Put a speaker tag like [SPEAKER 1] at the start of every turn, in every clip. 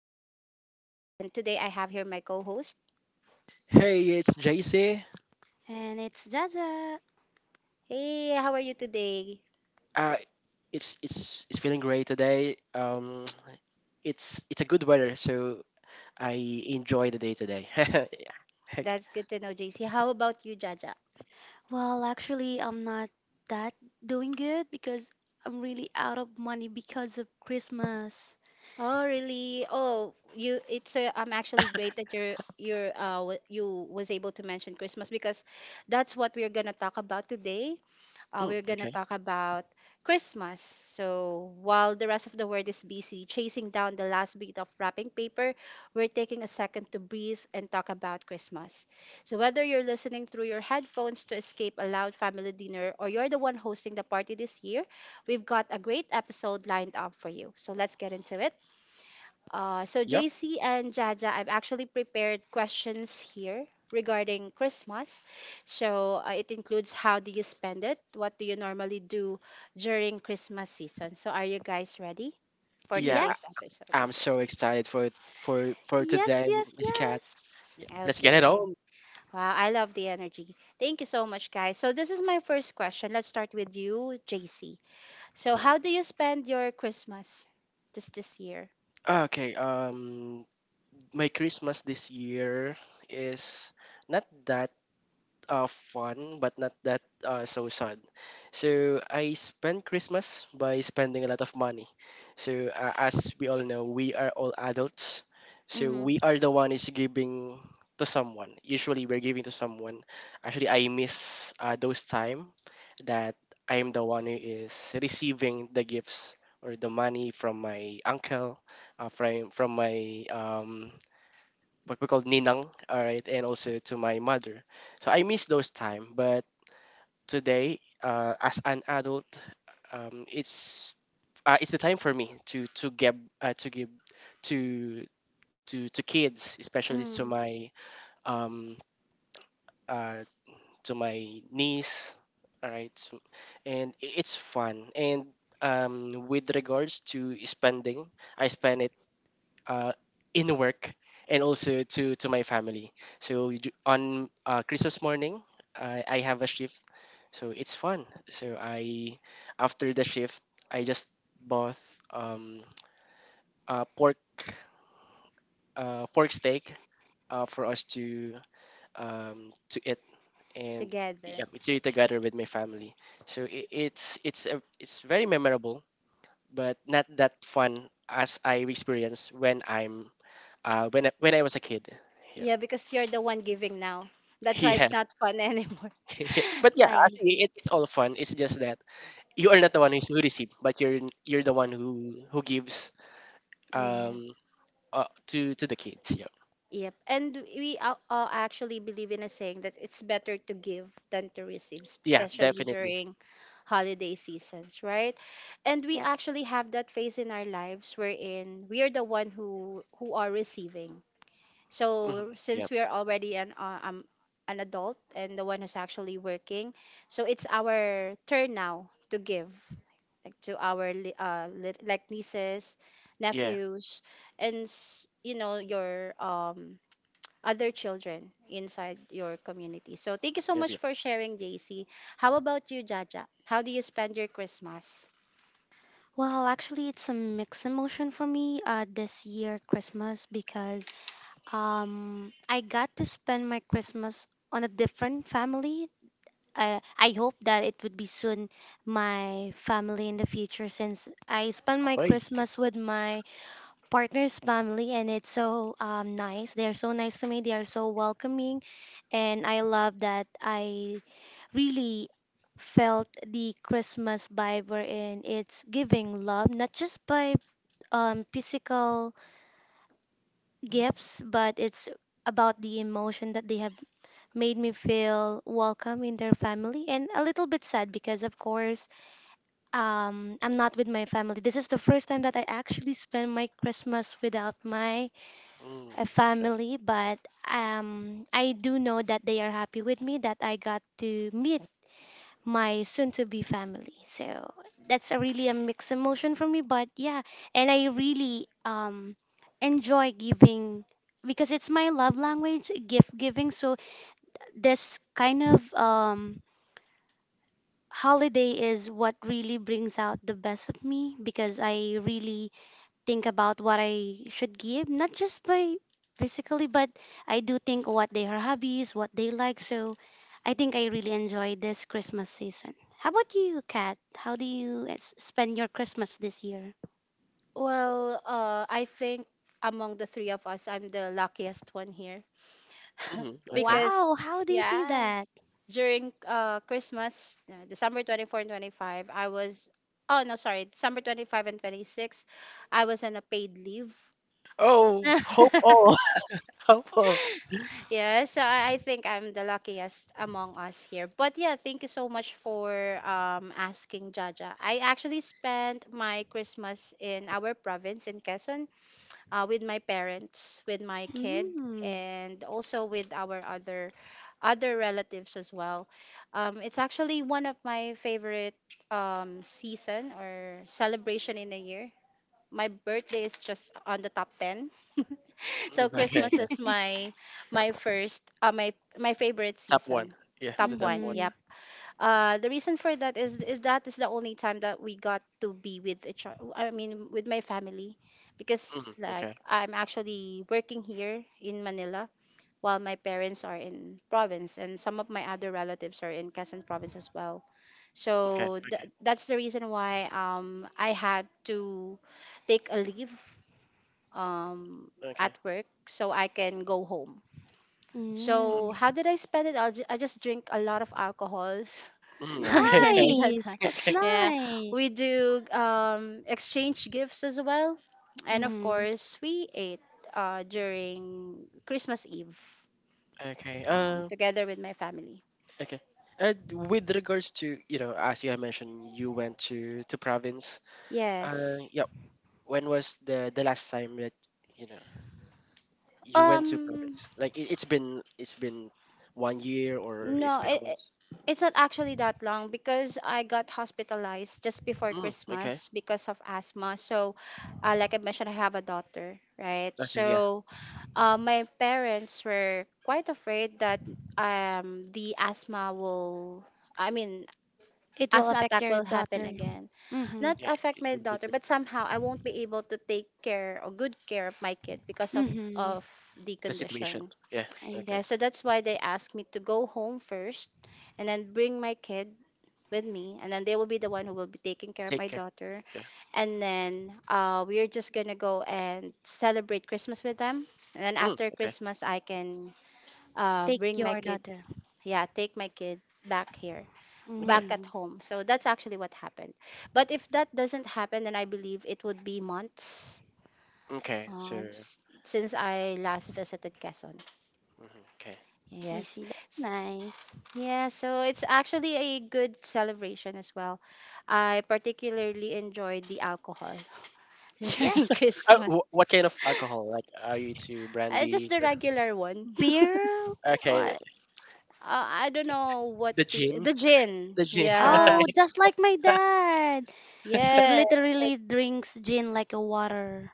[SPEAKER 1] Kat, and today I have here my co-host.
[SPEAKER 2] Hey, it's JC.
[SPEAKER 3] And it's Jaja.
[SPEAKER 1] Hey, how are you today?
[SPEAKER 2] Uh, it's feeling great today. It's a good weather, so I enjoy the day today. Yeah. Okay.
[SPEAKER 1] That's good to know, JC. How about you, Jaja?
[SPEAKER 3] Well, actually, I'm not that doing good because I'm really out of money because of Christmas.
[SPEAKER 1] Oh, really? Oh, you. It's. I'm actually great that you was able to mention Christmas because that's what we're gonna talk about today.
[SPEAKER 2] Mm,
[SPEAKER 1] We're going to
[SPEAKER 2] okay.
[SPEAKER 1] talk about Christmas. So, while the rest of the world is busy chasing down the last bit of wrapping paper, we're taking a second to breathe and talk about Christmas. So, whether you're listening through your headphones to escape a loud family dinner or you're the one hosting the party this year, we've got a great episode lined up for you. So, let's get into it. So,
[SPEAKER 2] Yep.
[SPEAKER 1] JC and Jaja, I've actually prepared questions here regarding Christmas. So, it includes how do you spend it? What do you normally do during Christmas season? So, are you guys ready for
[SPEAKER 2] Yeah,
[SPEAKER 1] today's
[SPEAKER 3] Yes,
[SPEAKER 1] episode?
[SPEAKER 2] I'm
[SPEAKER 1] Okay.
[SPEAKER 2] so excited for
[SPEAKER 3] yes,
[SPEAKER 2] today,
[SPEAKER 3] yes,
[SPEAKER 2] Miss Cat. Yeah.
[SPEAKER 3] yes.
[SPEAKER 2] Let's get it
[SPEAKER 1] Okay.
[SPEAKER 2] on.
[SPEAKER 1] Wow, I love the energy. Thank you so much, guys. So, this is my first question. Let's start with you, JC. So,
[SPEAKER 2] Mhm.
[SPEAKER 1] how do you spend your Christmas just this year?
[SPEAKER 2] Okay. My Christmas this year is not that uh, fun, but not that so sad. So I spent Christmas by spending a lot of money. So as we all know, we are all adults. So
[SPEAKER 1] Mm-hmm.
[SPEAKER 2] we are the one is giving to someone. Usually we're giving to someone. Actually, I miss those time that I am the one who is receiving the gifts or the money from my uncle, from my what we call ninang, all right, and also to my mother. So I miss those time, but today, as an adult, um, it's it's the time for me to give to give to to kids, especially
[SPEAKER 1] Mm.
[SPEAKER 2] um uh to my niece, all right, it's fun and. With regards to spending, I spend it uh, in work and also to my family. So on Christmas morning, I have a shift, so it's fun. So I after the shift, I just bought um, uh, pork pork steak for us to eat and yeah,
[SPEAKER 1] Together.
[SPEAKER 2] to eat together with my family. So I it's a, it's very memorable, but not that fun as I experience when I was a kid. Yeah.
[SPEAKER 1] Yeah, because you're the one giving now. That's why
[SPEAKER 2] Yeah.
[SPEAKER 1] it's not fun anymore.
[SPEAKER 2] Yeah. But yeah,
[SPEAKER 1] I
[SPEAKER 2] actually, it,
[SPEAKER 1] see.
[SPEAKER 2] it's all fun. It's just that you are not the one who received, but you're the one who gives
[SPEAKER 1] Yeah.
[SPEAKER 2] um to the kids. Yeah.
[SPEAKER 1] Yep. And we actually believe in a saying that it's better to give than to receive,
[SPEAKER 2] Yeah,
[SPEAKER 1] especially
[SPEAKER 2] definitely.
[SPEAKER 1] during holiday seasons, right? And we
[SPEAKER 3] Yes.
[SPEAKER 1] actually have that phase in our lives wherein we are the one who are receiving.
[SPEAKER 2] hmm
[SPEAKER 1] So
[SPEAKER 2] Yep.
[SPEAKER 1] since we are already an adult and the one who's actually working, so it's our turn now to give, like to our like nieces,
[SPEAKER 2] Yeah.
[SPEAKER 1] nephews, and you know, your other children inside your community. So thank you so
[SPEAKER 2] Yeah. Yeah.
[SPEAKER 1] much for sharing, JC. How about you, Jaja? How do you spend your Christmas?
[SPEAKER 3] Well, actually, it's a mixed emotion for me this year, Christmas, because I got to spend my Christmas on a different family. I hope that it would be soon my family in the future since I spent my
[SPEAKER 2] Ahoy.
[SPEAKER 3] Christmas with my partner's family, and it's so nice. They're so nice to me. They are so welcoming, and I love that I really felt the Christmas vibe wherein it's giving love, not just by physical gifts, but it's about the emotion that they have made me feel welcome in their family and a little bit sad because of course I'm not with my family. This is the first time that I actually spend my Christmas without my
[SPEAKER 2] Mm,
[SPEAKER 3] a
[SPEAKER 2] okay.
[SPEAKER 3] family, but I do know that they are happy with me that I got to meet my soon-to-be family. So that's a really a mixed emotion for me, but yeah, and I really enjoy giving because it's my love language, gift giving. So this kind of holiday is what really brings out the best of me because I really think about what I should give, not just by physically, but I do think what they are hobbies, what they like. So I think I really enjoy this Christmas season. How about you, Kat? How do you spend your Christmas this year?
[SPEAKER 1] Well, I think among the three of us, I'm the luckiest one here
[SPEAKER 2] Mm, okay.
[SPEAKER 1] because
[SPEAKER 3] Wow, how do you see that?
[SPEAKER 1] during Christmas, December 24 and 25, I was, oh no, sorry, December 25 and 26, I was on a paid leave.
[SPEAKER 2] Oh, hope all. Hope all.
[SPEAKER 1] Yeah, so I think I'm the luckiest among us here. But yeah, thank you so much for asking, Jaja. I actually spent my Christmas in our province in Quezon, with my parents, with my kid,
[SPEAKER 3] Mm.
[SPEAKER 1] and also with our other relatives as well. It's actually one of my favorite season or celebration in the year. My birthday is just on the top ten. So
[SPEAKER 2] Mm, okay.
[SPEAKER 1] Christmas
[SPEAKER 2] Yeah.
[SPEAKER 1] is my my first my my favorite
[SPEAKER 2] Top one.
[SPEAKER 1] season,
[SPEAKER 2] Yeah,
[SPEAKER 1] top
[SPEAKER 2] the top
[SPEAKER 1] one.
[SPEAKER 2] one.
[SPEAKER 1] Yeah,
[SPEAKER 3] Mm-hmm.
[SPEAKER 1] the reason for that is the only time that we got to be with each other. I mean, with my family, because
[SPEAKER 2] Mm,
[SPEAKER 1] like
[SPEAKER 2] okay.
[SPEAKER 1] I'm actually working here in Manila while my parents are in province and some of my other relatives are in Quezon province as well.
[SPEAKER 2] Okay.
[SPEAKER 1] So
[SPEAKER 2] Okay.
[SPEAKER 1] that's the reason why I had to take a leave um
[SPEAKER 2] Okay.
[SPEAKER 1] at work so I can go home. So
[SPEAKER 3] Mm.
[SPEAKER 2] Okay.
[SPEAKER 1] how did I spend it? I just drink a lot of alcohols
[SPEAKER 2] Mm, okay.
[SPEAKER 1] during that
[SPEAKER 3] Nice.
[SPEAKER 1] time.
[SPEAKER 3] That's
[SPEAKER 2] Okay.
[SPEAKER 1] Yeah, we
[SPEAKER 3] nice.
[SPEAKER 1] do exchange gifts as well, and of
[SPEAKER 3] Mm-hmm.
[SPEAKER 1] course we ate, during Christmas Eve,
[SPEAKER 2] Okay.
[SPEAKER 1] together with my family.
[SPEAKER 2] Okay. And with regards to, you know, as you have mentioned, you went to province.
[SPEAKER 1] Yes.
[SPEAKER 2] Yeah. When was the last time that you know you went to
[SPEAKER 1] Um.
[SPEAKER 2] province? Like it's been one year or it's
[SPEAKER 1] No,
[SPEAKER 2] been a month.
[SPEAKER 1] it's not actually that long because I got hospitalized just before
[SPEAKER 2] Mm, okay.
[SPEAKER 1] Christmas because of asthma. So, like I mentioned, I have a daughter, right?
[SPEAKER 2] Okay. Yeah.
[SPEAKER 1] So, my parents were quite afraid that the I mean,
[SPEAKER 3] It will
[SPEAKER 1] asthma
[SPEAKER 3] affect
[SPEAKER 1] attack
[SPEAKER 3] your
[SPEAKER 1] will happen
[SPEAKER 3] daughter.
[SPEAKER 1] again.
[SPEAKER 3] Mm-hmm.
[SPEAKER 1] Not
[SPEAKER 2] Yeah.
[SPEAKER 1] affect
[SPEAKER 2] It
[SPEAKER 1] my
[SPEAKER 2] would be
[SPEAKER 1] daughter,
[SPEAKER 2] the
[SPEAKER 1] but somehow I won't be able to take care or good care of my kid because of
[SPEAKER 3] Mm-hmm.
[SPEAKER 1] of the
[SPEAKER 2] the situation.
[SPEAKER 1] condition.
[SPEAKER 2] Yeah.
[SPEAKER 3] I
[SPEAKER 2] Okay.
[SPEAKER 1] Yeah,
[SPEAKER 3] see.
[SPEAKER 1] so that's why they asked me to go home first and then bring my kid with me, and then they will be the one who will be taking care of
[SPEAKER 2] Take
[SPEAKER 1] my
[SPEAKER 2] care.
[SPEAKER 1] daughter,
[SPEAKER 2] Yeah.
[SPEAKER 1] and then we are just gonna go and celebrate Christmas with them, and then
[SPEAKER 2] Mm,
[SPEAKER 1] after
[SPEAKER 2] okay.
[SPEAKER 1] Christmas I can
[SPEAKER 3] Take
[SPEAKER 1] bring my
[SPEAKER 3] your
[SPEAKER 1] kid,
[SPEAKER 3] daughter.
[SPEAKER 1] yeah, take my kid back here, back
[SPEAKER 2] Okay.
[SPEAKER 1] at
[SPEAKER 3] Mm,
[SPEAKER 1] home. So that's actually what happened, but if that doesn't happen, then I believe it would be months
[SPEAKER 2] Okay. So.
[SPEAKER 1] since I last visited Quezon.
[SPEAKER 2] Mhm, okay.
[SPEAKER 3] I
[SPEAKER 1] Yes.
[SPEAKER 3] see. That's nice.
[SPEAKER 1] Yeah, so it's actually a good celebration as well. I particularly enjoyed the alcohol during
[SPEAKER 3] Yes,
[SPEAKER 1] Christmas.
[SPEAKER 2] What kind of alcohol? Like, are you into
[SPEAKER 1] Just
[SPEAKER 2] brandy?
[SPEAKER 1] the
[SPEAKER 2] Or.
[SPEAKER 1] regular one.
[SPEAKER 3] beer.
[SPEAKER 2] Okay.
[SPEAKER 3] What?
[SPEAKER 1] I don't know what
[SPEAKER 2] The
[SPEAKER 1] the
[SPEAKER 2] gin,
[SPEAKER 1] the gin.
[SPEAKER 2] the gin.
[SPEAKER 1] Yeah.
[SPEAKER 3] Oh, just like my dad. She
[SPEAKER 1] Yeah.
[SPEAKER 3] literally drinks gin like a water.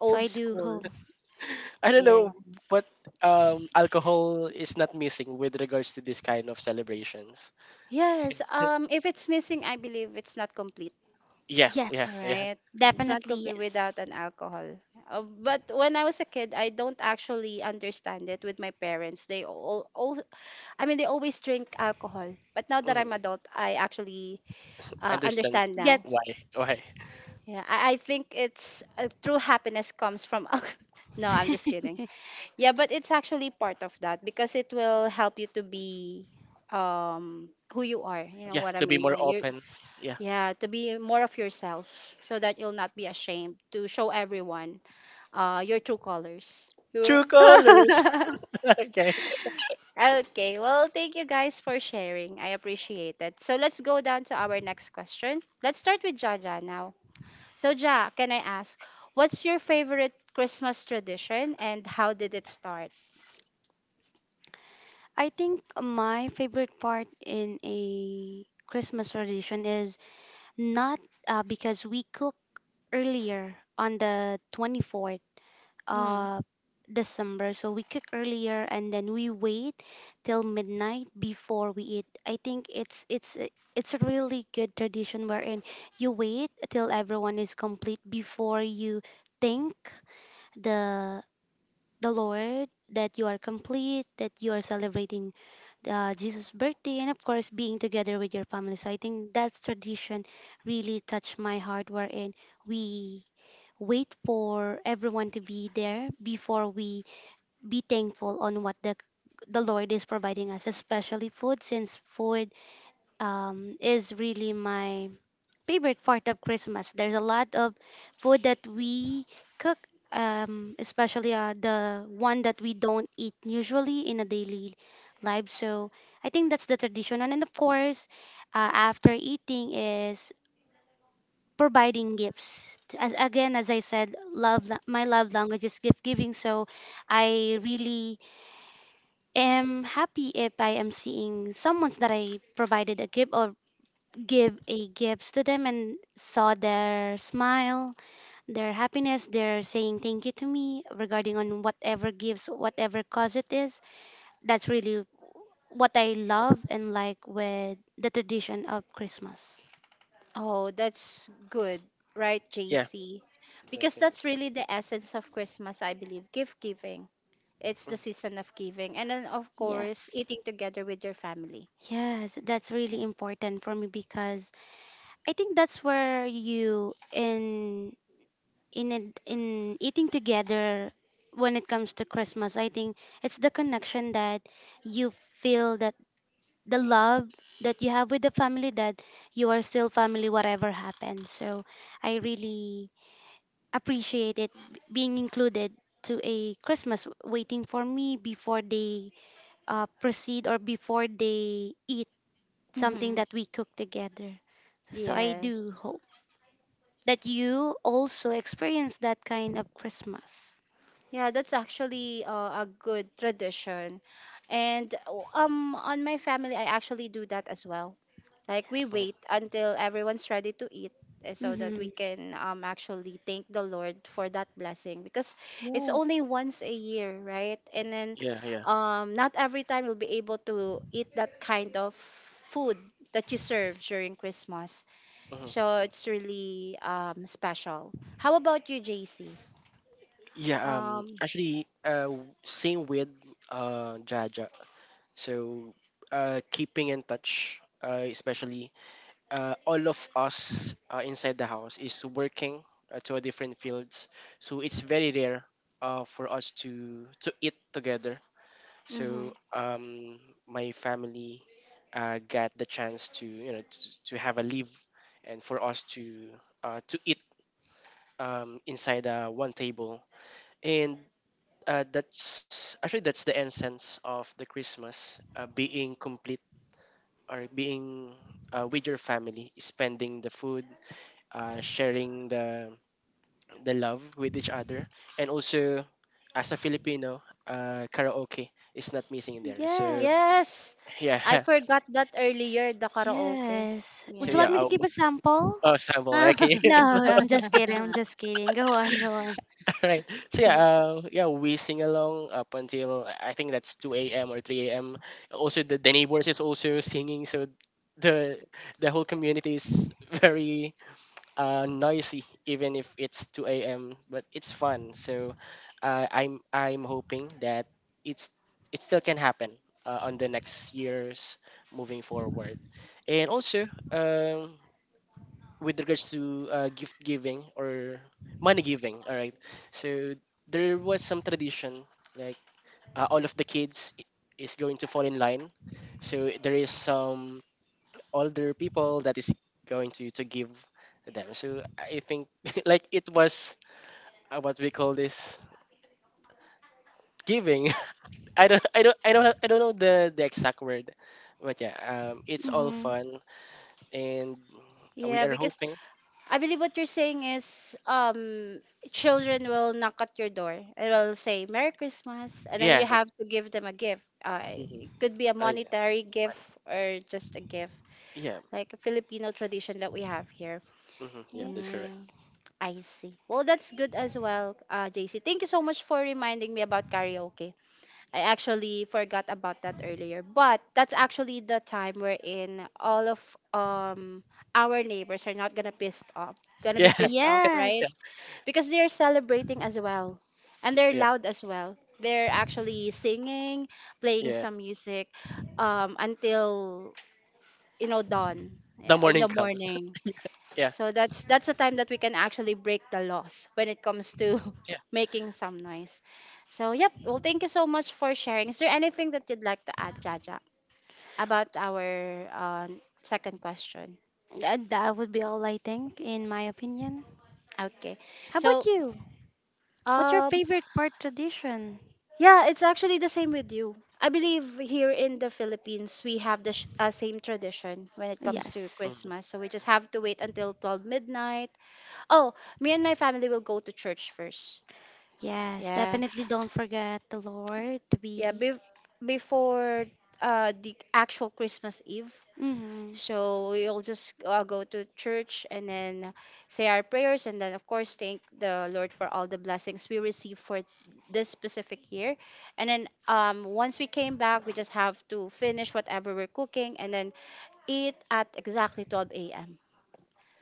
[SPEAKER 3] So I do
[SPEAKER 1] school.
[SPEAKER 3] hope.
[SPEAKER 2] I don't
[SPEAKER 1] Yeah.
[SPEAKER 2] know, but alcohol is not missing with regards to this kind of celebrations.
[SPEAKER 1] Yes. If it's missing, I believe it's not complete.
[SPEAKER 2] Yeah, yeah,
[SPEAKER 3] Yes,
[SPEAKER 2] yeah.
[SPEAKER 1] Right? It's
[SPEAKER 2] Yeah.
[SPEAKER 1] not
[SPEAKER 3] definitely
[SPEAKER 1] complete without
[SPEAKER 3] yes.
[SPEAKER 1] an alcohol. But when I was a kid, I don't actually understand it with my parents. They all I mean, They always drink alcohol. But now that I'm
[SPEAKER 2] Mhm.
[SPEAKER 1] adult, I actually
[SPEAKER 2] Understands
[SPEAKER 1] understand now.
[SPEAKER 3] Get.
[SPEAKER 2] why, why.
[SPEAKER 1] Yeah, I think it's true happiness comes from. al- no, I'm just kidding. Yeah, but it's actually part of that because it will help you to be who you are. You know
[SPEAKER 2] Yeah,
[SPEAKER 1] what I
[SPEAKER 2] to be
[SPEAKER 1] mean?
[SPEAKER 2] more open. Yeah.
[SPEAKER 1] Yeah, to be more of yourself so that you'll not be ashamed to show everyone your true colors.
[SPEAKER 2] True colors.
[SPEAKER 1] Colors.
[SPEAKER 2] Okay.
[SPEAKER 1] Okay, well, thank you guys for sharing. I appreciate it. So let's go down to our next question. Let's start with Jaja now. So, Ja, can I ask, what's your favorite Christmas tradition and how did it start?
[SPEAKER 3] I think my favorite part in a Christmas tradition is, not, because we cook earlier on the 24th
[SPEAKER 1] Mm.
[SPEAKER 3] of December. So we cook earlier and then we wait till midnight before we eat. I think it's a really good tradition wherein you wait till everyone is complete before you thank the the Lord that you are complete, that you are celebrating Jesus' birthday, and of course, being together with your family. So I think that tradition really touched my heart, wherein we wait for everyone to be there before we be thankful on what the Lord is providing us, especially food, since food is really my favorite part of Christmas. There's a lot of food that we cook, especially the one that we don't eat usually in a daily life. So I think that's the tradition. And then of course, after eating is providing gifts. As again, as I said, my love language is gift giving. So I really am happy if I am seeing someone that I provided a gift or give a gifts to them and saw their smile, their happiness, their saying thank you to me regarding on whatever gifts, whatever cause it is. That's really what I love and like with the tradition of Christmas.
[SPEAKER 1] Oh, that's good, right,
[SPEAKER 2] Yeah.
[SPEAKER 1] JC? Because
[SPEAKER 2] Okay.
[SPEAKER 1] that's really the essence of Christmas, I believe. Gift giving. It's
[SPEAKER 2] Mhm,
[SPEAKER 1] the season of giving. And then, of course,
[SPEAKER 3] Yes.
[SPEAKER 1] eating together with your family.
[SPEAKER 3] Yes, that's really
[SPEAKER 1] Yes.
[SPEAKER 3] important for me because I think that's where you in eating together when it comes to Christmas. I think it's the connection that you feel that the love that you have with the family that you are still family whatever happens, so I really appreciate it being included to a Christmas waiting for me before they proceed or before they eat something
[SPEAKER 1] Mm-hmm.
[SPEAKER 3] that we cook together. So I do
[SPEAKER 1] Yes.
[SPEAKER 3] hope that you also experience that kind of Christmas.
[SPEAKER 1] Yeah, that's actually a good tradition. And on my family I actually do that as well. Like we
[SPEAKER 2] mhm.
[SPEAKER 1] wait until everyone's ready to eat, so that
[SPEAKER 3] Mm-hmm.
[SPEAKER 1] we can actually thank the Lord for that blessing because it's only once a year, right? And then
[SPEAKER 2] Yeah, yeah.
[SPEAKER 1] not every time you'll be able to eat that kind of food that you serve during Christmas.
[SPEAKER 2] Mhm, mhm.
[SPEAKER 1] So it's really special. How about you, JC?
[SPEAKER 2] Yeah,
[SPEAKER 1] Um
[SPEAKER 2] actually, same with Jaja. So keeping in touch, especially all of us inside the house is working to a different fields. So it's very rare for us to eat together.
[SPEAKER 1] Mm-hmm.
[SPEAKER 2] So my family got the chance to you know to have a leave and for us to eat inside one table and. That's actually, that's the essence of the Christmas being complete or being with your family, spending the food, sharing the love with each other, and also as a Filipino, karaoke is not missing in there. So
[SPEAKER 3] Yes,
[SPEAKER 1] Yes.
[SPEAKER 2] yeah,
[SPEAKER 1] I forgot that earlier, the karaoke.
[SPEAKER 3] yes, would
[SPEAKER 2] so
[SPEAKER 3] you like
[SPEAKER 2] yeah.
[SPEAKER 3] me to
[SPEAKER 2] Oh,
[SPEAKER 3] give
[SPEAKER 1] Yes.
[SPEAKER 3] a sample?
[SPEAKER 2] oh sample. Okay,
[SPEAKER 3] No, I'm just kidding. I'm just kidding. Go on, go on.
[SPEAKER 2] all right. So yeah, yeah, we sing along up until I think that's two a.m. or three a.m. Also, the neighbors is also singing, so the the whole community is very noisy, even if it's 2 a.m. But it's fun, so I'm hoping that it's it still can happen on the next years moving forward, and also with regards to gift giving or money giving. All right, so there was some tradition like all of the kids is going to fall in line. So there is some older people that is going to give them. So I think like it was what we call this giving. I don't know the exact word, but yeah, it's all
[SPEAKER 3] Mm-hmm.
[SPEAKER 2] fun and we
[SPEAKER 1] Yeah,
[SPEAKER 2] are
[SPEAKER 1] because
[SPEAKER 2] hoping.
[SPEAKER 1] I believe what you're saying is, children will knock at your door and will say Merry Christmas, and then
[SPEAKER 2] Yeah.
[SPEAKER 1] you have to give them a gift.
[SPEAKER 2] Mhm.
[SPEAKER 1] It could be a
[SPEAKER 2] Oh, yeah.
[SPEAKER 1] monetary gift
[SPEAKER 2] Money.
[SPEAKER 1] or just a gift,
[SPEAKER 2] Yeah.
[SPEAKER 1] like a Filipino tradition that we have here.
[SPEAKER 2] Yeah. That's correct.
[SPEAKER 1] Mm,
[SPEAKER 3] Yes.
[SPEAKER 1] I see. Well, that's good as well, JC. Thank you so much for reminding me about karaoke. I actually forgot about that earlier. But that's actually the time wherein all of um our neighbors are not gonna be
[SPEAKER 2] Yeah.
[SPEAKER 1] pissed off, right?
[SPEAKER 2] Yeah.
[SPEAKER 3] Yes.
[SPEAKER 1] Because they're celebrating as well. And they're
[SPEAKER 2] Yeah.
[SPEAKER 1] loud as well. They're actually singing, playing
[SPEAKER 2] Yeah.
[SPEAKER 1] some music until, you know, dawn,
[SPEAKER 2] The
[SPEAKER 1] yeah, in
[SPEAKER 2] morning
[SPEAKER 1] the
[SPEAKER 2] comes.
[SPEAKER 1] morning.
[SPEAKER 2] Yeah.
[SPEAKER 1] So that's the time that we can actually break the laws when it comes to
[SPEAKER 2] Yeah.
[SPEAKER 1] making some noise. So yep, well thank you so much for sharing. Is there anything that you'd like to add, Jaja, about our second question?
[SPEAKER 3] That would be all I think, in my opinion.
[SPEAKER 1] Okay.
[SPEAKER 3] How about
[SPEAKER 1] So
[SPEAKER 3] you? What's your
[SPEAKER 1] um
[SPEAKER 3] favorite part tradition?
[SPEAKER 1] yeah, it's actually the same with you. I believe here in the Philippines we have the same tradition when it comes to
[SPEAKER 3] Yes.
[SPEAKER 1] Christmas.
[SPEAKER 2] hmm
[SPEAKER 1] So we just have to wait until 12 midnight. Oh, me and my family will go to church first.
[SPEAKER 3] Yes.
[SPEAKER 1] Yeah.
[SPEAKER 3] Definitely don't forget the Lord to
[SPEAKER 1] yeah
[SPEAKER 3] be.
[SPEAKER 1] be- Before the actual Christmas Eve,
[SPEAKER 3] Mm-hmm.
[SPEAKER 1] so we'll just go to church and then say our prayers and then of course thank the Lord for all the blessings we received for this specific year. And then once we came back, we just have to finish whatever we're cooking and then eat at exactly 12 a.m.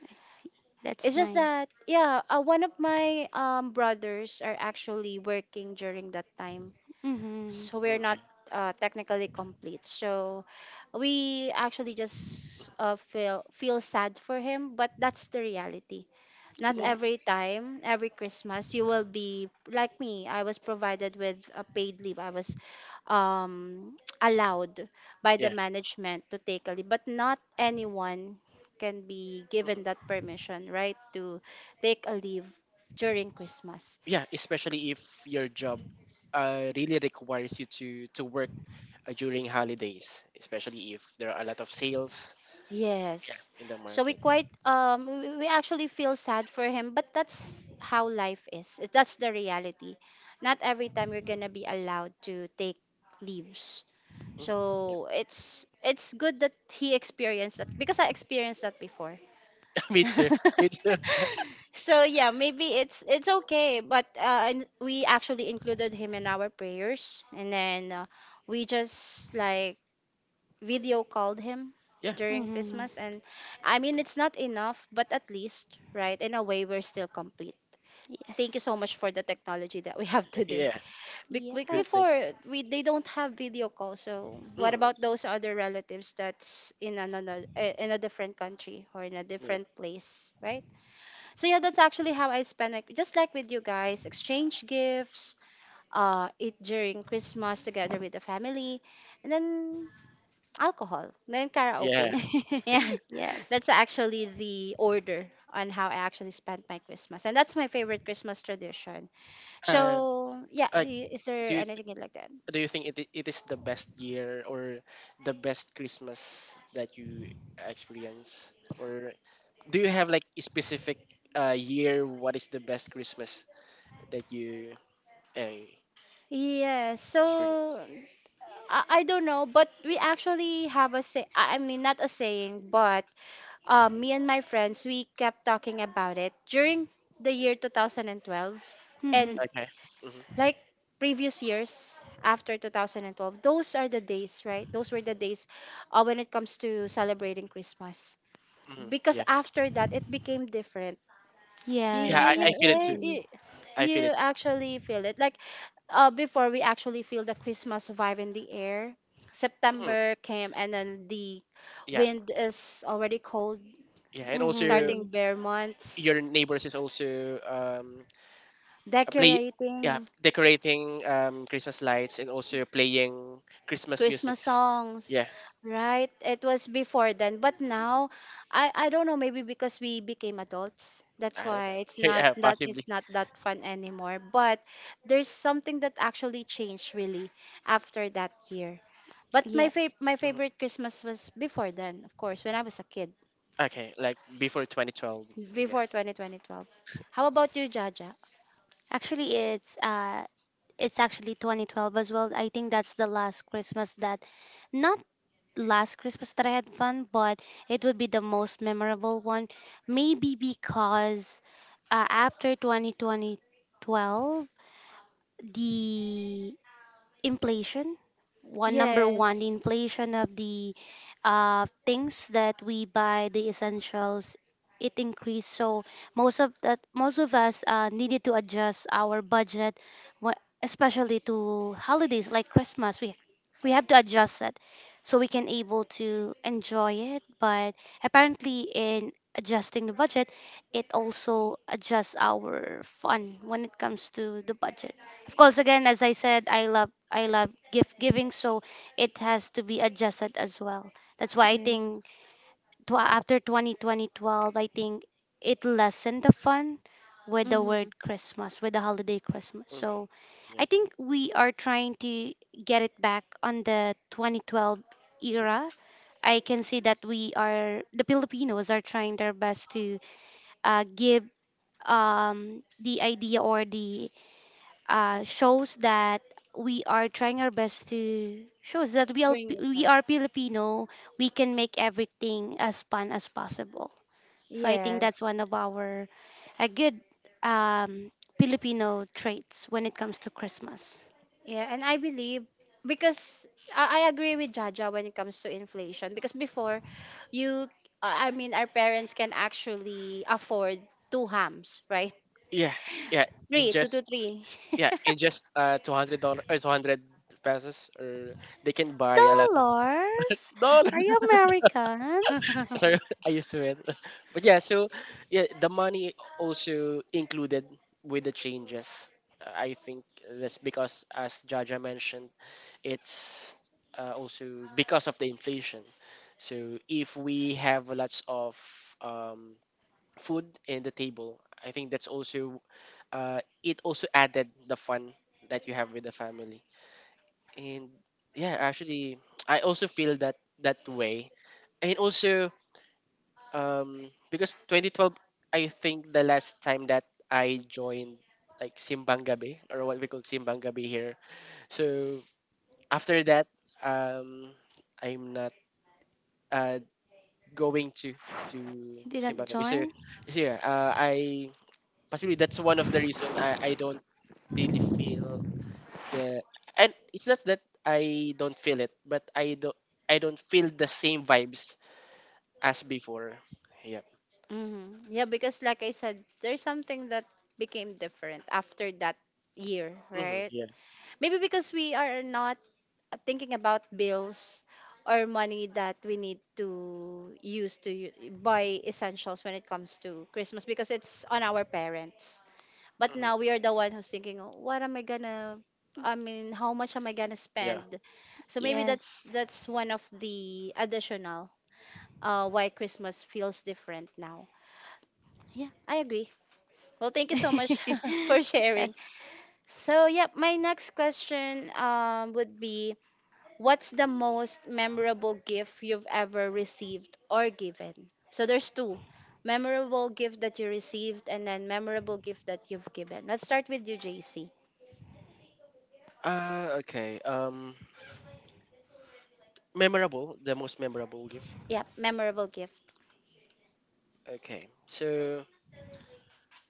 [SPEAKER 3] I see.
[SPEAKER 1] It's
[SPEAKER 3] That's
[SPEAKER 1] just
[SPEAKER 3] nice.
[SPEAKER 1] that yeah, one of my brothers are actually working during that time,
[SPEAKER 3] Mm-hmm.
[SPEAKER 1] so we're not
[SPEAKER 2] Okay.
[SPEAKER 1] technically complete. So we actually just
[SPEAKER 2] Mhm.
[SPEAKER 1] feel sad for him, but that's the reality. Not
[SPEAKER 2] Mm.
[SPEAKER 3] Yeah.
[SPEAKER 1] every time, every Christmas, you will be like me. I was provided with a paid leave. I was um, allowed by the
[SPEAKER 2] Yeah.
[SPEAKER 1] management to take a leave, but not anyone can be
[SPEAKER 2] Mm-hmm.
[SPEAKER 1] given that permission, right, to take a leave during Christmas.
[SPEAKER 2] Yeah, especially if your job really requires you to work during holidays, especially if there are a lot of sales, yeah,
[SPEAKER 1] Yes.
[SPEAKER 2] in the
[SPEAKER 1] So we
[SPEAKER 2] market.
[SPEAKER 1] quite we actually feel sad for him, but that's how life is. That's the reality. Not every time you're gonna be allowed to take leaves.
[SPEAKER 2] Mhm, yeah.
[SPEAKER 1] So it's good that he experienced that because I experienced that before.
[SPEAKER 2] Me too, me too.
[SPEAKER 1] So yeah, maybe it's okay, but and we actually included him in our prayers, and then we just like video called him
[SPEAKER 2] Yeah,
[SPEAKER 1] during
[SPEAKER 3] Hmm.
[SPEAKER 1] Christmas. And I mean, it's not enough, but at least, right, in a way, we're still complete. Thank you so
[SPEAKER 3] Yes.
[SPEAKER 1] much for the technology that we have today.
[SPEAKER 2] yeah, good thing.
[SPEAKER 3] Yes.
[SPEAKER 1] Before, we they don't have video call. So, what
[SPEAKER 2] Mm.
[SPEAKER 1] about those other relatives that's in another in a different country or in a
[SPEAKER 2] Yeah,
[SPEAKER 1] different place, right? So yeah, that's actually how I spend, like just like with you guys, exchange gifts, eat during Christmas together with the family, and then alcohol, then
[SPEAKER 2] yeah.
[SPEAKER 1] karaoke. Yeah,
[SPEAKER 3] Yes.
[SPEAKER 1] that's actually the order on how I actually spent my Christmas, and that's my favorite Christmas tradition.
[SPEAKER 2] uh,
[SPEAKER 1] So yeah, do
[SPEAKER 2] like,
[SPEAKER 1] you, is there
[SPEAKER 2] do you th-
[SPEAKER 1] anything you'd like that?
[SPEAKER 2] do you think it is the best year or the best Christmas that you experience, or do you have like a specific year? What is the best Christmas that you uh,
[SPEAKER 1] Yeah, so
[SPEAKER 2] experience?
[SPEAKER 1] I don't know, but we actually have a say. I mean, not a saying, but me and my friends, we kept talking about it during the year 2012,
[SPEAKER 3] Hmm.
[SPEAKER 1] and
[SPEAKER 2] Okay. Hmm.
[SPEAKER 1] like previous years after 2012, those were the days when it comes to celebrating Christmas,
[SPEAKER 2] Hmm.
[SPEAKER 1] because
[SPEAKER 2] Yeah.
[SPEAKER 1] after that it became different. you,
[SPEAKER 2] Yeah,
[SPEAKER 1] you,
[SPEAKER 2] I,
[SPEAKER 3] Yes,
[SPEAKER 2] I
[SPEAKER 1] you,
[SPEAKER 2] feel it too.
[SPEAKER 1] right?
[SPEAKER 3] actually.
[SPEAKER 2] I
[SPEAKER 1] You
[SPEAKER 2] feel it.
[SPEAKER 1] actually feel it, like, before, we actually feel the Christmas vibe in the air.
[SPEAKER 2] Mm,
[SPEAKER 1] September came and then the
[SPEAKER 2] yeah.
[SPEAKER 1] wind is already cold,
[SPEAKER 2] Yeah. And also,
[SPEAKER 1] starting
[SPEAKER 3] Hmm.
[SPEAKER 1] bare months
[SPEAKER 2] your neighbors is also a play. Yeah,
[SPEAKER 1] decorating
[SPEAKER 2] decorating Christmas lights and also playing Christmas musics.
[SPEAKER 1] songs,
[SPEAKER 2] Yeah,
[SPEAKER 1] right? It was before then, but now I don't know, maybe because we became adults. That's
[SPEAKER 2] I don't know.
[SPEAKER 1] why it's not,
[SPEAKER 2] Yeah,
[SPEAKER 1] yeah, that
[SPEAKER 2] possibly.
[SPEAKER 1] it's not that fun anymore. But there's something that actually changed really after that year. But my
[SPEAKER 3] Yes.
[SPEAKER 1] my
[SPEAKER 2] Mhm.
[SPEAKER 1] favorite Christmas was before then, of course, when I was a kid,
[SPEAKER 2] Okay, like before 2012. Yeah.
[SPEAKER 1] before 2012. How about you, Jaja?
[SPEAKER 3] Actually, it's it's actually 2012 as well. I think that's the last Christmas that, not last Christmas that I had fun, but it would be the most memorable one. Maybe because after 2012, the inflation, one number one, the
[SPEAKER 1] Yes.
[SPEAKER 3] inflation of the things that we buy, the essentials, it increased. So most of us needed to adjust our budget, wha- especially to holidays like Christmas. We have to adjust it so we can able to enjoy it. But apparently, in adjusting the budget, it also adjusts our fun when it comes to the budget. Of course, again, as I said, I love gift giving. So it has to be adjusted as well. That's why I think,
[SPEAKER 1] Yes.
[SPEAKER 3] after 202012, I think it lessened the fun with the word
[SPEAKER 1] Mm-hmm.
[SPEAKER 3] Christmas, with the holiday Christmas. So I
[SPEAKER 2] hmm
[SPEAKER 3] think we are trying to get it back on the 2012 era. I can see that we are the Filipinos are trying their best to give the idea or the shows that we are trying our best to shows that we are
[SPEAKER 1] Bring it back.
[SPEAKER 3] we are Filipino. We can make everything as fun as possible. So I think that's
[SPEAKER 1] Yes.
[SPEAKER 3] one of our a good um, Filipino traits when it comes to Christmas.
[SPEAKER 1] Yeah, and I believe, because I agree with Jaja when it comes to inflation, because before you I mean, our parents can actually afford two hams, right?
[SPEAKER 2] Yeah, yeah, in
[SPEAKER 1] Three, two
[SPEAKER 2] just
[SPEAKER 1] to three.
[SPEAKER 2] yeah, in just $200 or two hundred pesos, or they can buy a lot of
[SPEAKER 3] Dollars,
[SPEAKER 2] dollars.
[SPEAKER 3] are you American?
[SPEAKER 2] Sorry, I used to it, but yeah. So yeah, the money also included with the changes. I think that's because, as Jaja mentioned, it's also because of the inflation. So if we have lots of um, food in the table, I think that's also, it also added the fun that you have with the family. And yeah, actually, I also feel that that way. And also, because 2012, I think the last time that I joined like Simbang Gabi or what we call Simbang Gabi here. So after that, um, I'm not uh, going to
[SPEAKER 3] You did not
[SPEAKER 2] Simbang Gabi. So,
[SPEAKER 3] join?
[SPEAKER 2] yeah, I possibly that's one of the reason I don't really feel the, and it's not that I don't feel it, but I don't feel the same vibes as before. Yep.
[SPEAKER 1] Hmm. Yeah, because like I said, there's something that became different after that year, right?
[SPEAKER 2] Yeah.
[SPEAKER 1] Maybe because we are not thinking about bills or money that we need to use to buy essentials when it comes to Christmas because it's on our parents. But
[SPEAKER 2] hmm
[SPEAKER 1] now we are the one who's thinking, "Oh, what am I gonna, I mean, how much am I gonna
[SPEAKER 2] Yeah.
[SPEAKER 1] spend?" So maybe that's
[SPEAKER 3] Yes.
[SPEAKER 1] one of the additional why Christmas feels different now. Yeah, I agree. Well, thank you so much for sharing.
[SPEAKER 3] Yes.
[SPEAKER 1] So, yeah, my next question would be, what's the most memorable gift you've ever received or given? So, there's two: memorable gift that you received, and then memorable gift that you've given. Let's start with you, JC.
[SPEAKER 2] Okay. Memorable, the most memorable gift.
[SPEAKER 1] Yep, memorable gift.
[SPEAKER 2] Okay, so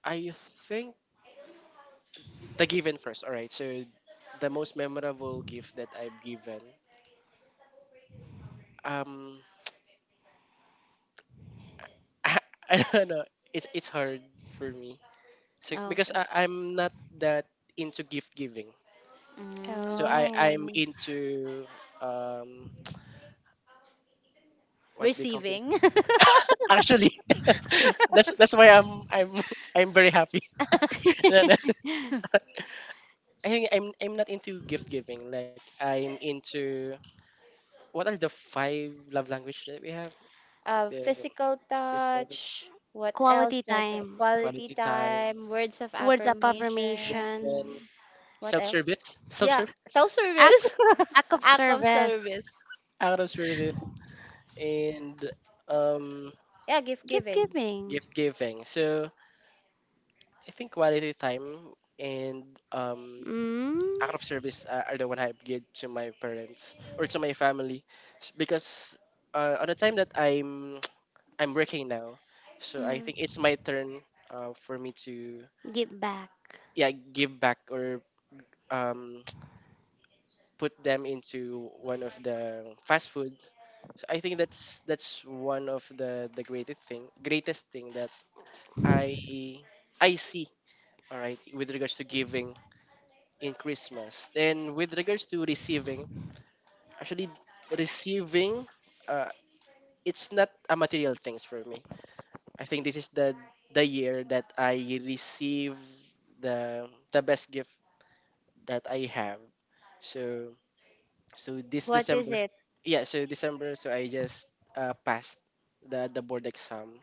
[SPEAKER 2] I think the given first. All right, so the most memorable gift that I've given. Um, I, I don't know. It's hard for me. So because
[SPEAKER 1] Okay.
[SPEAKER 2] I'm not that into gift giving. So
[SPEAKER 1] Mm.
[SPEAKER 2] I'm
[SPEAKER 3] Oh.
[SPEAKER 2] into um what they call this.
[SPEAKER 1] Receiving,
[SPEAKER 2] Actually, that's why I'm I'm very happy. No, no. I think I'm not into gift giving. Like I'm into what are the five love language that we have? Like the
[SPEAKER 1] physical
[SPEAKER 2] first knowledge,
[SPEAKER 1] touch. What else,
[SPEAKER 3] Quality
[SPEAKER 1] Patrick?
[SPEAKER 3] time.
[SPEAKER 1] Quality
[SPEAKER 2] quality time,
[SPEAKER 1] time, words of
[SPEAKER 3] Words of
[SPEAKER 1] affirmation.
[SPEAKER 3] affirmation,
[SPEAKER 1] What
[SPEAKER 2] self
[SPEAKER 1] else?
[SPEAKER 2] service. Self
[SPEAKER 1] Yeah,
[SPEAKER 2] service
[SPEAKER 1] self service,
[SPEAKER 3] acts, act of
[SPEAKER 1] act of
[SPEAKER 3] service,
[SPEAKER 1] service.
[SPEAKER 2] out of service and um
[SPEAKER 1] Yeah, gift
[SPEAKER 3] give
[SPEAKER 1] giving.
[SPEAKER 3] giving,
[SPEAKER 2] gift giving. So I think quality time and um, act of
[SPEAKER 3] mm,
[SPEAKER 2] service are the one I give to my parents or to my family, because on the time that I'm I'm working now, so I
[SPEAKER 1] Mm.
[SPEAKER 2] think it's my turn for me to
[SPEAKER 3] give back.
[SPEAKER 2] yeah give back or um, put them into one of the fast food. So I think that's one of the greatest thing that I I see, all right, with regards to giving in Christmas. And with regards to receiving, actually receiving, uh, it's not a material things for me. I think this is the year that I receive the best gift that I have. So this
[SPEAKER 1] What is
[SPEAKER 2] December,
[SPEAKER 1] it?
[SPEAKER 2] yeah. So December, so I just passed the board exam.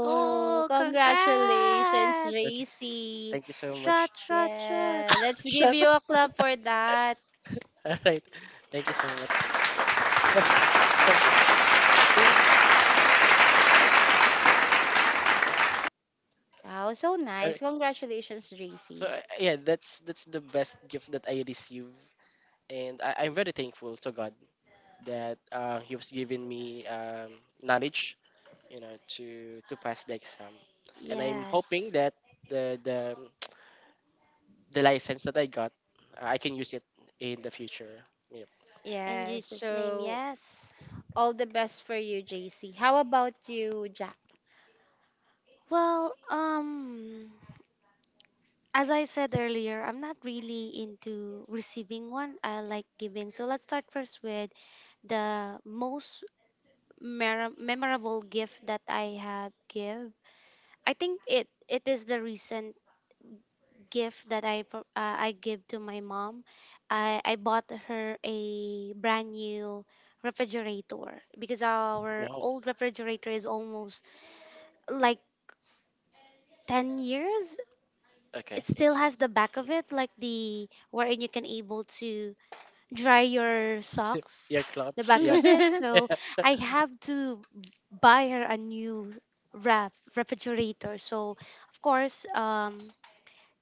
[SPEAKER 2] So
[SPEAKER 3] Oh,
[SPEAKER 1] congratulations,
[SPEAKER 3] congrats!
[SPEAKER 2] okay,
[SPEAKER 1] Racy.
[SPEAKER 2] thank you so much.
[SPEAKER 3] Shot, shot, shot.
[SPEAKER 1] Yeah, let's give you a clap for that.
[SPEAKER 2] All right, thank you so much.
[SPEAKER 1] Wow, so nice.
[SPEAKER 2] Alright.
[SPEAKER 1] Congratulations,
[SPEAKER 2] So
[SPEAKER 1] Racy.
[SPEAKER 2] yeah, that's the best gift that I receive and I'm very thankful to God that He was giving me knowledge, you know, to pass the exam, and I'm hoping
[SPEAKER 3] Yes.
[SPEAKER 2] that the the the license that I got, I can use it in the future. Yep.
[SPEAKER 3] In
[SPEAKER 1] Yeah,
[SPEAKER 3] Jesus' name,
[SPEAKER 1] so
[SPEAKER 3] yes.
[SPEAKER 1] all the best for you, JC. How about you, Jack?
[SPEAKER 3] Well, as I said earlier, I'm not really into receiving one. I like giving. So let's start first with the most memorable gift that I have give. I think it is the recent gift that I give to my mom. I bought her a brand new refrigerator because our
[SPEAKER 2] Wow.
[SPEAKER 3] old refrigerator is almost like 10 years.
[SPEAKER 2] Okay.
[SPEAKER 3] It still
[SPEAKER 2] It's
[SPEAKER 3] has the back of it, like the wherein you can able to dry your socks,
[SPEAKER 2] ear
[SPEAKER 3] the
[SPEAKER 2] clots.
[SPEAKER 3] back
[SPEAKER 2] Yeah.
[SPEAKER 3] of it. So I have to buy her a new refrigerator. So of course,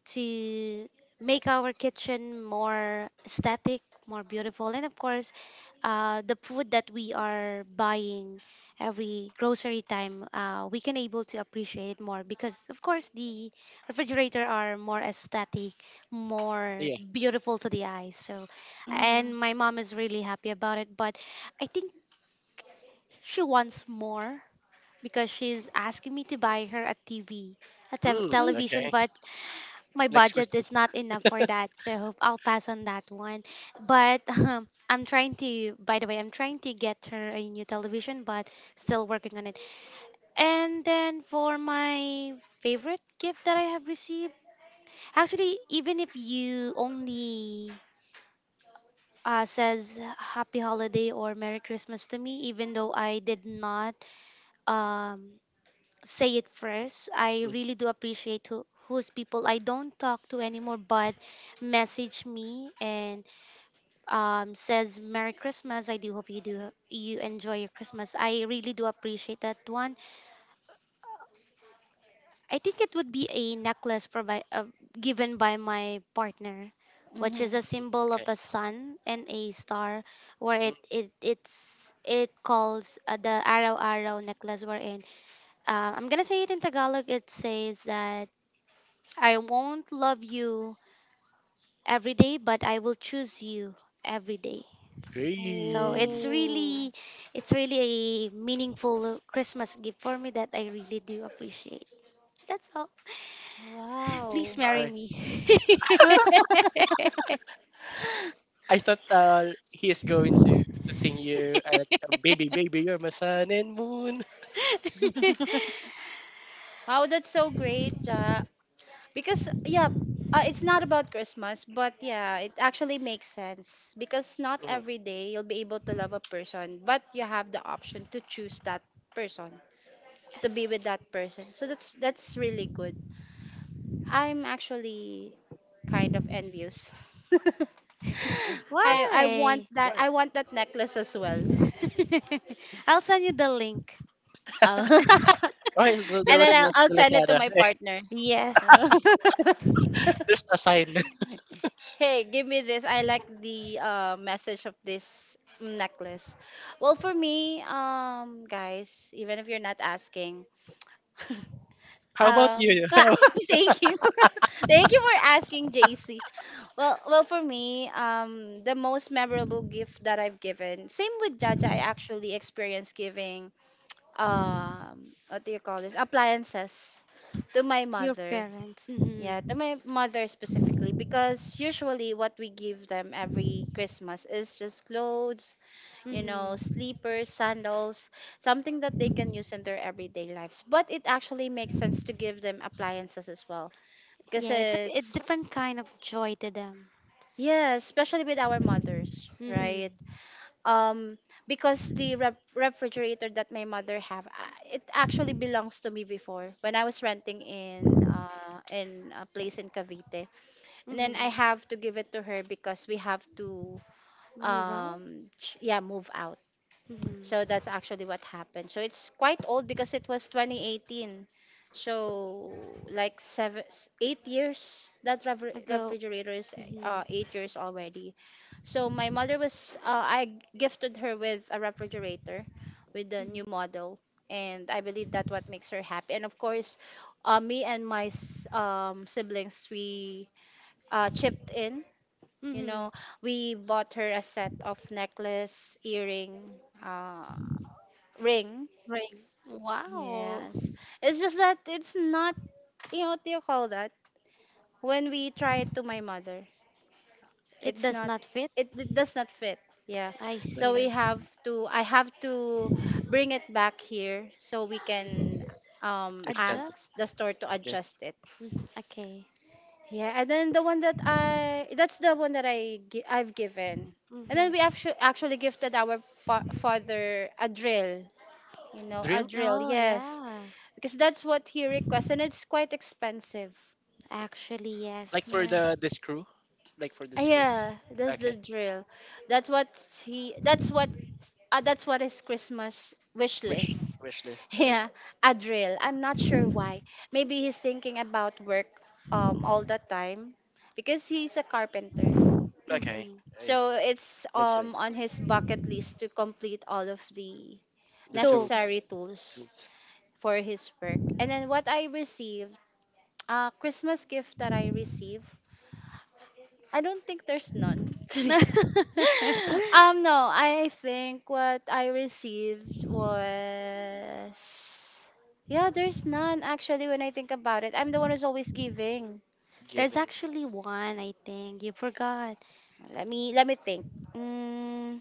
[SPEAKER 3] to make our kitchen more aesthetic, more beautiful, and of course, the food that we are buying every grocery time, we can able to appreciate more because, of course, the refrigerator are more aesthetic, more
[SPEAKER 2] Yeah.
[SPEAKER 3] beautiful to the eyes. So, and
[SPEAKER 1] Mhm.
[SPEAKER 3] my mom is really happy about it, but I think she wants more because she's asking me to buy her a TV,
[SPEAKER 2] Mm,
[SPEAKER 1] Mhm.
[SPEAKER 3] television,
[SPEAKER 2] okay.
[SPEAKER 3] but my
[SPEAKER 2] Next
[SPEAKER 3] budget
[SPEAKER 2] Christmas.
[SPEAKER 3] is not enough for that, so I'll pass on that one. But I'm trying to, by the way, I'm trying to get her a new television, but still working on it. And then for my favorite gift that I have received, actually, even if you only says happy holiday or Merry Christmas to me, even though I did not um say it first. I
[SPEAKER 2] Mm,
[SPEAKER 3] really do appreciate who's people I don't talk to anymore, but message me and says Merry Christmas. I do hope you enjoy your Christmas. I really do appreciate that one. I think it would be a necklace given by my partner, which is
[SPEAKER 1] Mhm.
[SPEAKER 3] a
[SPEAKER 2] mm,
[SPEAKER 3] symbol
[SPEAKER 2] okay.
[SPEAKER 3] of a sun and a star, where
[SPEAKER 2] Mm,
[SPEAKER 3] it calls the araw araw necklace. Wherein I'm gonna say it in Tagalog. It says that I won't love you every day, but I will choose you every day. So
[SPEAKER 2] hey.
[SPEAKER 1] Oh,
[SPEAKER 3] it's really a meaningful Christmas gift for me that I really do appreciate. That's all. Please
[SPEAKER 1] wow.
[SPEAKER 2] All
[SPEAKER 3] marry
[SPEAKER 2] right.
[SPEAKER 3] me.
[SPEAKER 2] I thought he is going to sing you like, "Baby, baby, you're my sun and moon."
[SPEAKER 1] Wow, that's so great, Ja. Because, yeah, it's not about Christmas, but yeah, it actually makes sense. Because not
[SPEAKER 2] Mhm.
[SPEAKER 1] every day you'll be able to love a person, but you have the option to choose that person, to be with
[SPEAKER 3] Yes.
[SPEAKER 1] that person. So that's really good. I'm actually kind of envious.
[SPEAKER 2] mm
[SPEAKER 1] I
[SPEAKER 2] Okay.
[SPEAKER 1] I want
[SPEAKER 3] Why?
[SPEAKER 1] that,
[SPEAKER 2] Why?
[SPEAKER 1] I want that necklace as well.
[SPEAKER 3] I'll send you the link.
[SPEAKER 1] Oh.
[SPEAKER 2] Why is the
[SPEAKER 1] And then
[SPEAKER 2] rest of the,
[SPEAKER 1] I'll
[SPEAKER 2] the
[SPEAKER 1] send it to
[SPEAKER 2] Lazada?
[SPEAKER 1] my
[SPEAKER 2] Hey,
[SPEAKER 1] partner.
[SPEAKER 3] Yes,
[SPEAKER 2] there's a sign.
[SPEAKER 1] Hey, give me this. I like the message of this necklace. Well, for me, guys, even if you're not asking,
[SPEAKER 2] How about
[SPEAKER 1] um,
[SPEAKER 2] you? How
[SPEAKER 1] thank you, thank you for asking, JC. Well, for me, the most memorable gift that I've given, same with Jaja, I actually experienced giving, um, what do you call this, appliances, to my
[SPEAKER 3] your
[SPEAKER 1] mother.
[SPEAKER 3] parents.
[SPEAKER 1] Yeah,
[SPEAKER 3] Hmm.
[SPEAKER 1] to my mother specifically, because usually what we give them every Christmas is just clothes, you
[SPEAKER 3] Hmm.
[SPEAKER 1] know, sleepers, sandals, something that they can use in their everyday lives, but it actually makes sense to give them appliances as well, because
[SPEAKER 3] Yeah, it's a
[SPEAKER 1] it's,
[SPEAKER 3] different kind of joy to them.
[SPEAKER 1] yeah, especially with our mothers, right?
[SPEAKER 3] Hmm.
[SPEAKER 1] Um, because the refrigerator that my mother have, it actually belongs to me before when I was renting in a place in Cavite, and
[SPEAKER 3] Hmm.
[SPEAKER 1] then I have to give it to her because we have to,
[SPEAKER 3] Move out.
[SPEAKER 1] um, yeah, move out. So
[SPEAKER 3] Mm-hmm.
[SPEAKER 1] that's actually what happened. So it's quite old because it was 2018. So like seven, 8 years. That rever
[SPEAKER 3] Go.
[SPEAKER 1] refrigerator is
[SPEAKER 3] Mm-hmm.
[SPEAKER 1] 8 years already. So my mother was, I gifted her with a refrigerator, with the
[SPEAKER 3] Mm-hmm.
[SPEAKER 1] new model, and I believe that what makes her happy. And of course, me and my siblings, we chipped in. You
[SPEAKER 3] Mm-hmm.
[SPEAKER 1] know, we bought her a set of necklace, earring. Uh, Ring.
[SPEAKER 3] Right. Wow.
[SPEAKER 1] Yes. It's just that it's not, you know, what do you call that? When we try it to my mother,
[SPEAKER 3] It
[SPEAKER 1] it's
[SPEAKER 3] does
[SPEAKER 1] not,
[SPEAKER 3] not fit.
[SPEAKER 1] it, it does not fit. Yeah.
[SPEAKER 3] I
[SPEAKER 1] So
[SPEAKER 2] okay.
[SPEAKER 1] we
[SPEAKER 3] see.
[SPEAKER 1] have to, I have to bring it back here so we can, um,
[SPEAKER 2] Extend.
[SPEAKER 1] ask
[SPEAKER 3] Adjust.
[SPEAKER 1] the store to
[SPEAKER 2] Okay.
[SPEAKER 1] adjust it.
[SPEAKER 3] Mhm. Okay.
[SPEAKER 1] Yeah. And then the one that I, that's the one that I've given. And then we
[SPEAKER 3] Mm-hmm.
[SPEAKER 1] actually gifted our father a drill. You know, a
[SPEAKER 2] Drill?
[SPEAKER 1] drill.
[SPEAKER 3] Oh,
[SPEAKER 1] Yes.
[SPEAKER 3] yeah.
[SPEAKER 1] Because that's what he requests and it's quite expensive.
[SPEAKER 3] Actually,
[SPEAKER 2] Like for
[SPEAKER 1] Yeah.
[SPEAKER 3] yes.
[SPEAKER 2] the screw? Like for the
[SPEAKER 1] Ah,
[SPEAKER 2] screw?
[SPEAKER 1] yeah, that's
[SPEAKER 2] Okay.
[SPEAKER 1] the drill. That's what he. That's what. That's what his Christmas wish
[SPEAKER 2] Wish
[SPEAKER 1] list.
[SPEAKER 2] wish list. Okay.
[SPEAKER 1] Yeah, a drill. I'm not sure why. Maybe he's thinking about work, um, all the time, because he's a carpenter.
[SPEAKER 2] Okay.
[SPEAKER 3] Mm-hmm.
[SPEAKER 2] Oh, yeah.
[SPEAKER 1] So it's,
[SPEAKER 2] Makes
[SPEAKER 1] um,
[SPEAKER 2] sense.
[SPEAKER 1] on his bucket list to complete all of the
[SPEAKER 2] The tools
[SPEAKER 1] necessary
[SPEAKER 3] Tools.
[SPEAKER 1] tools
[SPEAKER 2] tools
[SPEAKER 1] for his work. And then what I received. Christmas gift that I receive. I don't think there's none. Actually, no, I think what I received was, yeah, there's none actually. When I think about it, I'm the one who's always giving.
[SPEAKER 3] There's
[SPEAKER 2] given
[SPEAKER 3] actually one, I think. You forgot.
[SPEAKER 1] Let me think. Mm,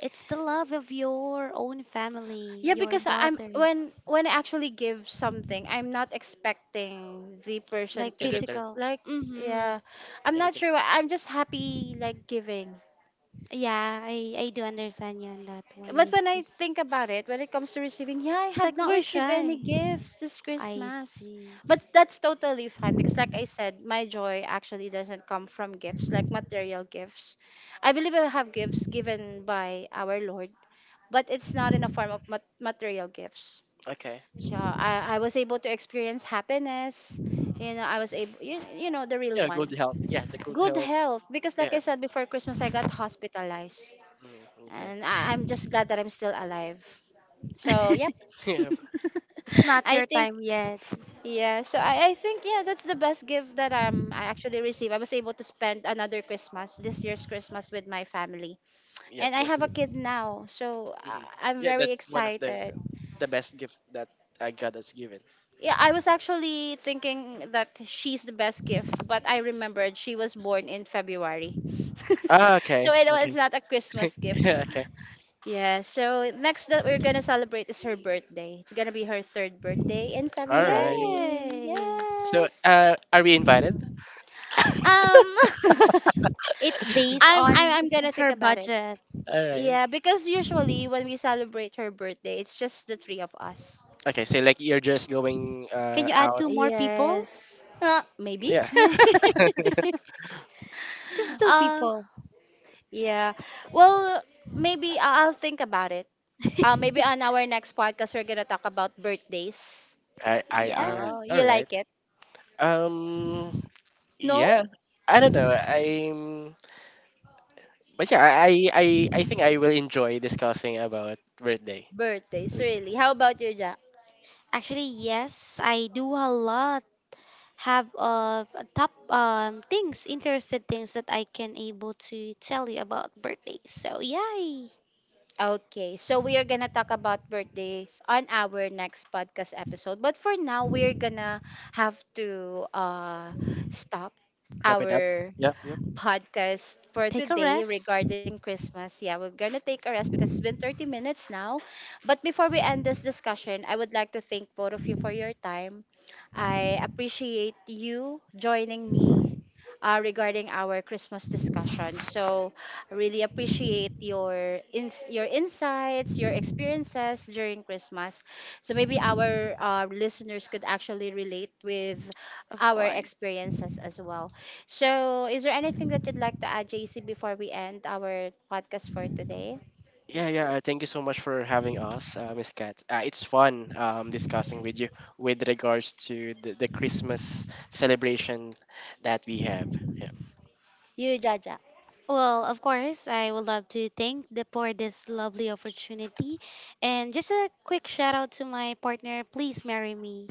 [SPEAKER 3] It's the love of your own family,
[SPEAKER 1] yeah,
[SPEAKER 3] your
[SPEAKER 1] because I'm
[SPEAKER 3] daughter,
[SPEAKER 1] when I actually give something, I'm not expecting the person
[SPEAKER 3] like
[SPEAKER 1] to
[SPEAKER 2] in
[SPEAKER 1] give.
[SPEAKER 2] return
[SPEAKER 3] physical.
[SPEAKER 1] Like,
[SPEAKER 3] Mm-hmm.
[SPEAKER 1] yeah, I'm not
[SPEAKER 2] anything.
[SPEAKER 1] sure why, I'm just happy like giving.
[SPEAKER 3] Yeah, I do understand you on that one. I
[SPEAKER 1] But when I
[SPEAKER 3] see.
[SPEAKER 1] think about it, when it comes to receiving, yeah, I
[SPEAKER 3] It's like
[SPEAKER 1] have not
[SPEAKER 3] we're
[SPEAKER 1] received any
[SPEAKER 3] shy.
[SPEAKER 1] gifts this
[SPEAKER 3] I
[SPEAKER 1] Christmas.
[SPEAKER 3] see.
[SPEAKER 1] But that's totally fine because, like I said, my joy actually doesn't come from gifts, like material gifts. I believe I have gifts given by our Lord, but it's not in a
[SPEAKER 2] hmm
[SPEAKER 1] form of material gifts.
[SPEAKER 2] Okay.
[SPEAKER 1] So I was able to experience happiness. You know, I was able, you know, the real
[SPEAKER 2] Yeah. Good
[SPEAKER 1] one.
[SPEAKER 2] health. Yeah. The good
[SPEAKER 1] Good
[SPEAKER 2] health.
[SPEAKER 1] health, because, like
[SPEAKER 2] Yeah.
[SPEAKER 1] I said, before Christmas, I got hospitalized.
[SPEAKER 2] Okay.
[SPEAKER 1] And I'm just glad that I'm still alive. So,
[SPEAKER 2] I-
[SPEAKER 1] yep.
[SPEAKER 3] It's
[SPEAKER 2] Yeah. Yeah.
[SPEAKER 3] not
[SPEAKER 1] I
[SPEAKER 3] your
[SPEAKER 1] think,
[SPEAKER 3] time yet.
[SPEAKER 1] yeah, so I think, yeah, that's the best gift that, um, I actually received. I was able to spend another Christmas, this year's Christmas, with my family.
[SPEAKER 2] Yep,
[SPEAKER 1] And I have a
[SPEAKER 2] definitely.
[SPEAKER 1] kid now, so,
[SPEAKER 2] Mm-hmm.
[SPEAKER 1] I'm
[SPEAKER 2] Yeah,
[SPEAKER 1] very
[SPEAKER 2] that's one of the
[SPEAKER 1] excited.
[SPEAKER 2] the best gift that God has given.
[SPEAKER 1] Yeah, I was actually thinking that she's the best gift, but I remembered she was born in February.
[SPEAKER 2] Ah, okay,
[SPEAKER 1] So it's
[SPEAKER 2] okay,
[SPEAKER 1] not a Christmas gift.
[SPEAKER 2] okay.
[SPEAKER 1] Yeah, so next that we're gonna celebrate is her birthday. It's gonna be her third birthday in
[SPEAKER 2] All right.
[SPEAKER 1] February.
[SPEAKER 3] Yay!
[SPEAKER 2] So,
[SPEAKER 1] Yes.
[SPEAKER 2] are we invited?
[SPEAKER 1] Um,
[SPEAKER 3] It based
[SPEAKER 1] I'm
[SPEAKER 3] on
[SPEAKER 1] I'm I'm gonna think
[SPEAKER 3] her
[SPEAKER 1] about it.
[SPEAKER 3] budget.
[SPEAKER 2] All right.
[SPEAKER 1] Yeah, because usually when we celebrate her birthday, it's just the three of us.
[SPEAKER 2] Okay, so like you're just going
[SPEAKER 3] Can you add
[SPEAKER 2] out.
[SPEAKER 3] two more people?
[SPEAKER 1] Yes. Maybe.
[SPEAKER 2] Yeah.
[SPEAKER 3] Just two
[SPEAKER 1] Uh,
[SPEAKER 3] people.
[SPEAKER 1] yeah. Well, maybe I'll think about it. Maybe on our next podcast, we're gonna talk about birthdays.
[SPEAKER 2] I are
[SPEAKER 1] Oh,
[SPEAKER 2] all
[SPEAKER 1] you
[SPEAKER 3] Yes.
[SPEAKER 2] right.
[SPEAKER 1] like it?
[SPEAKER 2] Um.
[SPEAKER 1] No?
[SPEAKER 2] Yeah. I don't know. I'm. But yeah, I think I will enjoy discussing about birthday.
[SPEAKER 1] Birthdays,
[SPEAKER 2] We
[SPEAKER 1] really. How about you, Jack?
[SPEAKER 3] Actually, yes, I do a lot have top things, interested things that I can able to tell you about birthdays. So yay!
[SPEAKER 1] Okay, so we are gonna talk about birthdays on our next podcast episode. But for now, we're gonna have to, stop
[SPEAKER 2] wrap it up.
[SPEAKER 1] our
[SPEAKER 2] Yeah. Yep.
[SPEAKER 1] podcast for
[SPEAKER 3] Take a
[SPEAKER 1] today
[SPEAKER 3] rest,
[SPEAKER 1] regarding Christmas. Yeah, we're gonna take a rest because it's been 30 minutes now. But before we end this discussion, I would like to thank both of you for your time. I appreciate you joining me, regarding our Christmas discussion. So, I really appreciate your your insights, your experiences during Christmas. So maybe our listeners could actually relate with
[SPEAKER 3] of
[SPEAKER 1] our
[SPEAKER 3] course.
[SPEAKER 1] experiences as well. So, is there anything that you'd like to add, JC, before we end our podcast for today?
[SPEAKER 2] Yeah, yeah. Thank you so much for having us, Miss Kat. It's fun discussing with you with regards to the Christmas celebration that we have. Yeah.
[SPEAKER 1] You, Jaja,
[SPEAKER 3] Well, of course, I would love to thank the for this lovely opportunity, and just a quick shout out to my partner. Please marry me.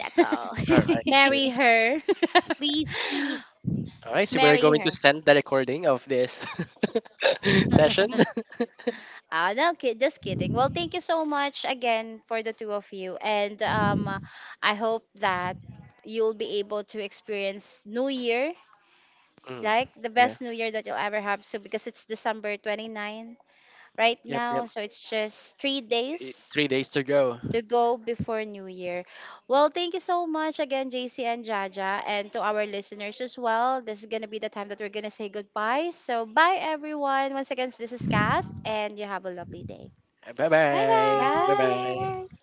[SPEAKER 3] That's all.
[SPEAKER 2] All right. So,
[SPEAKER 1] marry her.
[SPEAKER 3] Please, please.
[SPEAKER 2] all right. So we're
[SPEAKER 1] Marry
[SPEAKER 2] going
[SPEAKER 1] her.
[SPEAKER 2] to send the recording of this session.
[SPEAKER 1] Ah, no, just kidding. Well, thank you so much again for the two of you, and I hope that you'll be able to experience New Year,
[SPEAKER 2] Mm.
[SPEAKER 1] like the
[SPEAKER 2] Yeah.
[SPEAKER 1] best New Year that you'll ever have. So because it's December 29 right
[SPEAKER 2] Yep.
[SPEAKER 1] now,
[SPEAKER 2] Yep.
[SPEAKER 1] so it's just three days
[SPEAKER 2] 3 days to go.
[SPEAKER 1] to go before New Year. Well, thank you so much again, JC and Jaja, and to our listeners as well. This is gonna be the time that we're gonna say goodbye. So bye everyone. Once again, this is Kat, and you have a lovely day.
[SPEAKER 2] Bye
[SPEAKER 3] Bye
[SPEAKER 2] bye. Bye
[SPEAKER 3] bye.
[SPEAKER 1] Bye.
[SPEAKER 2] bye.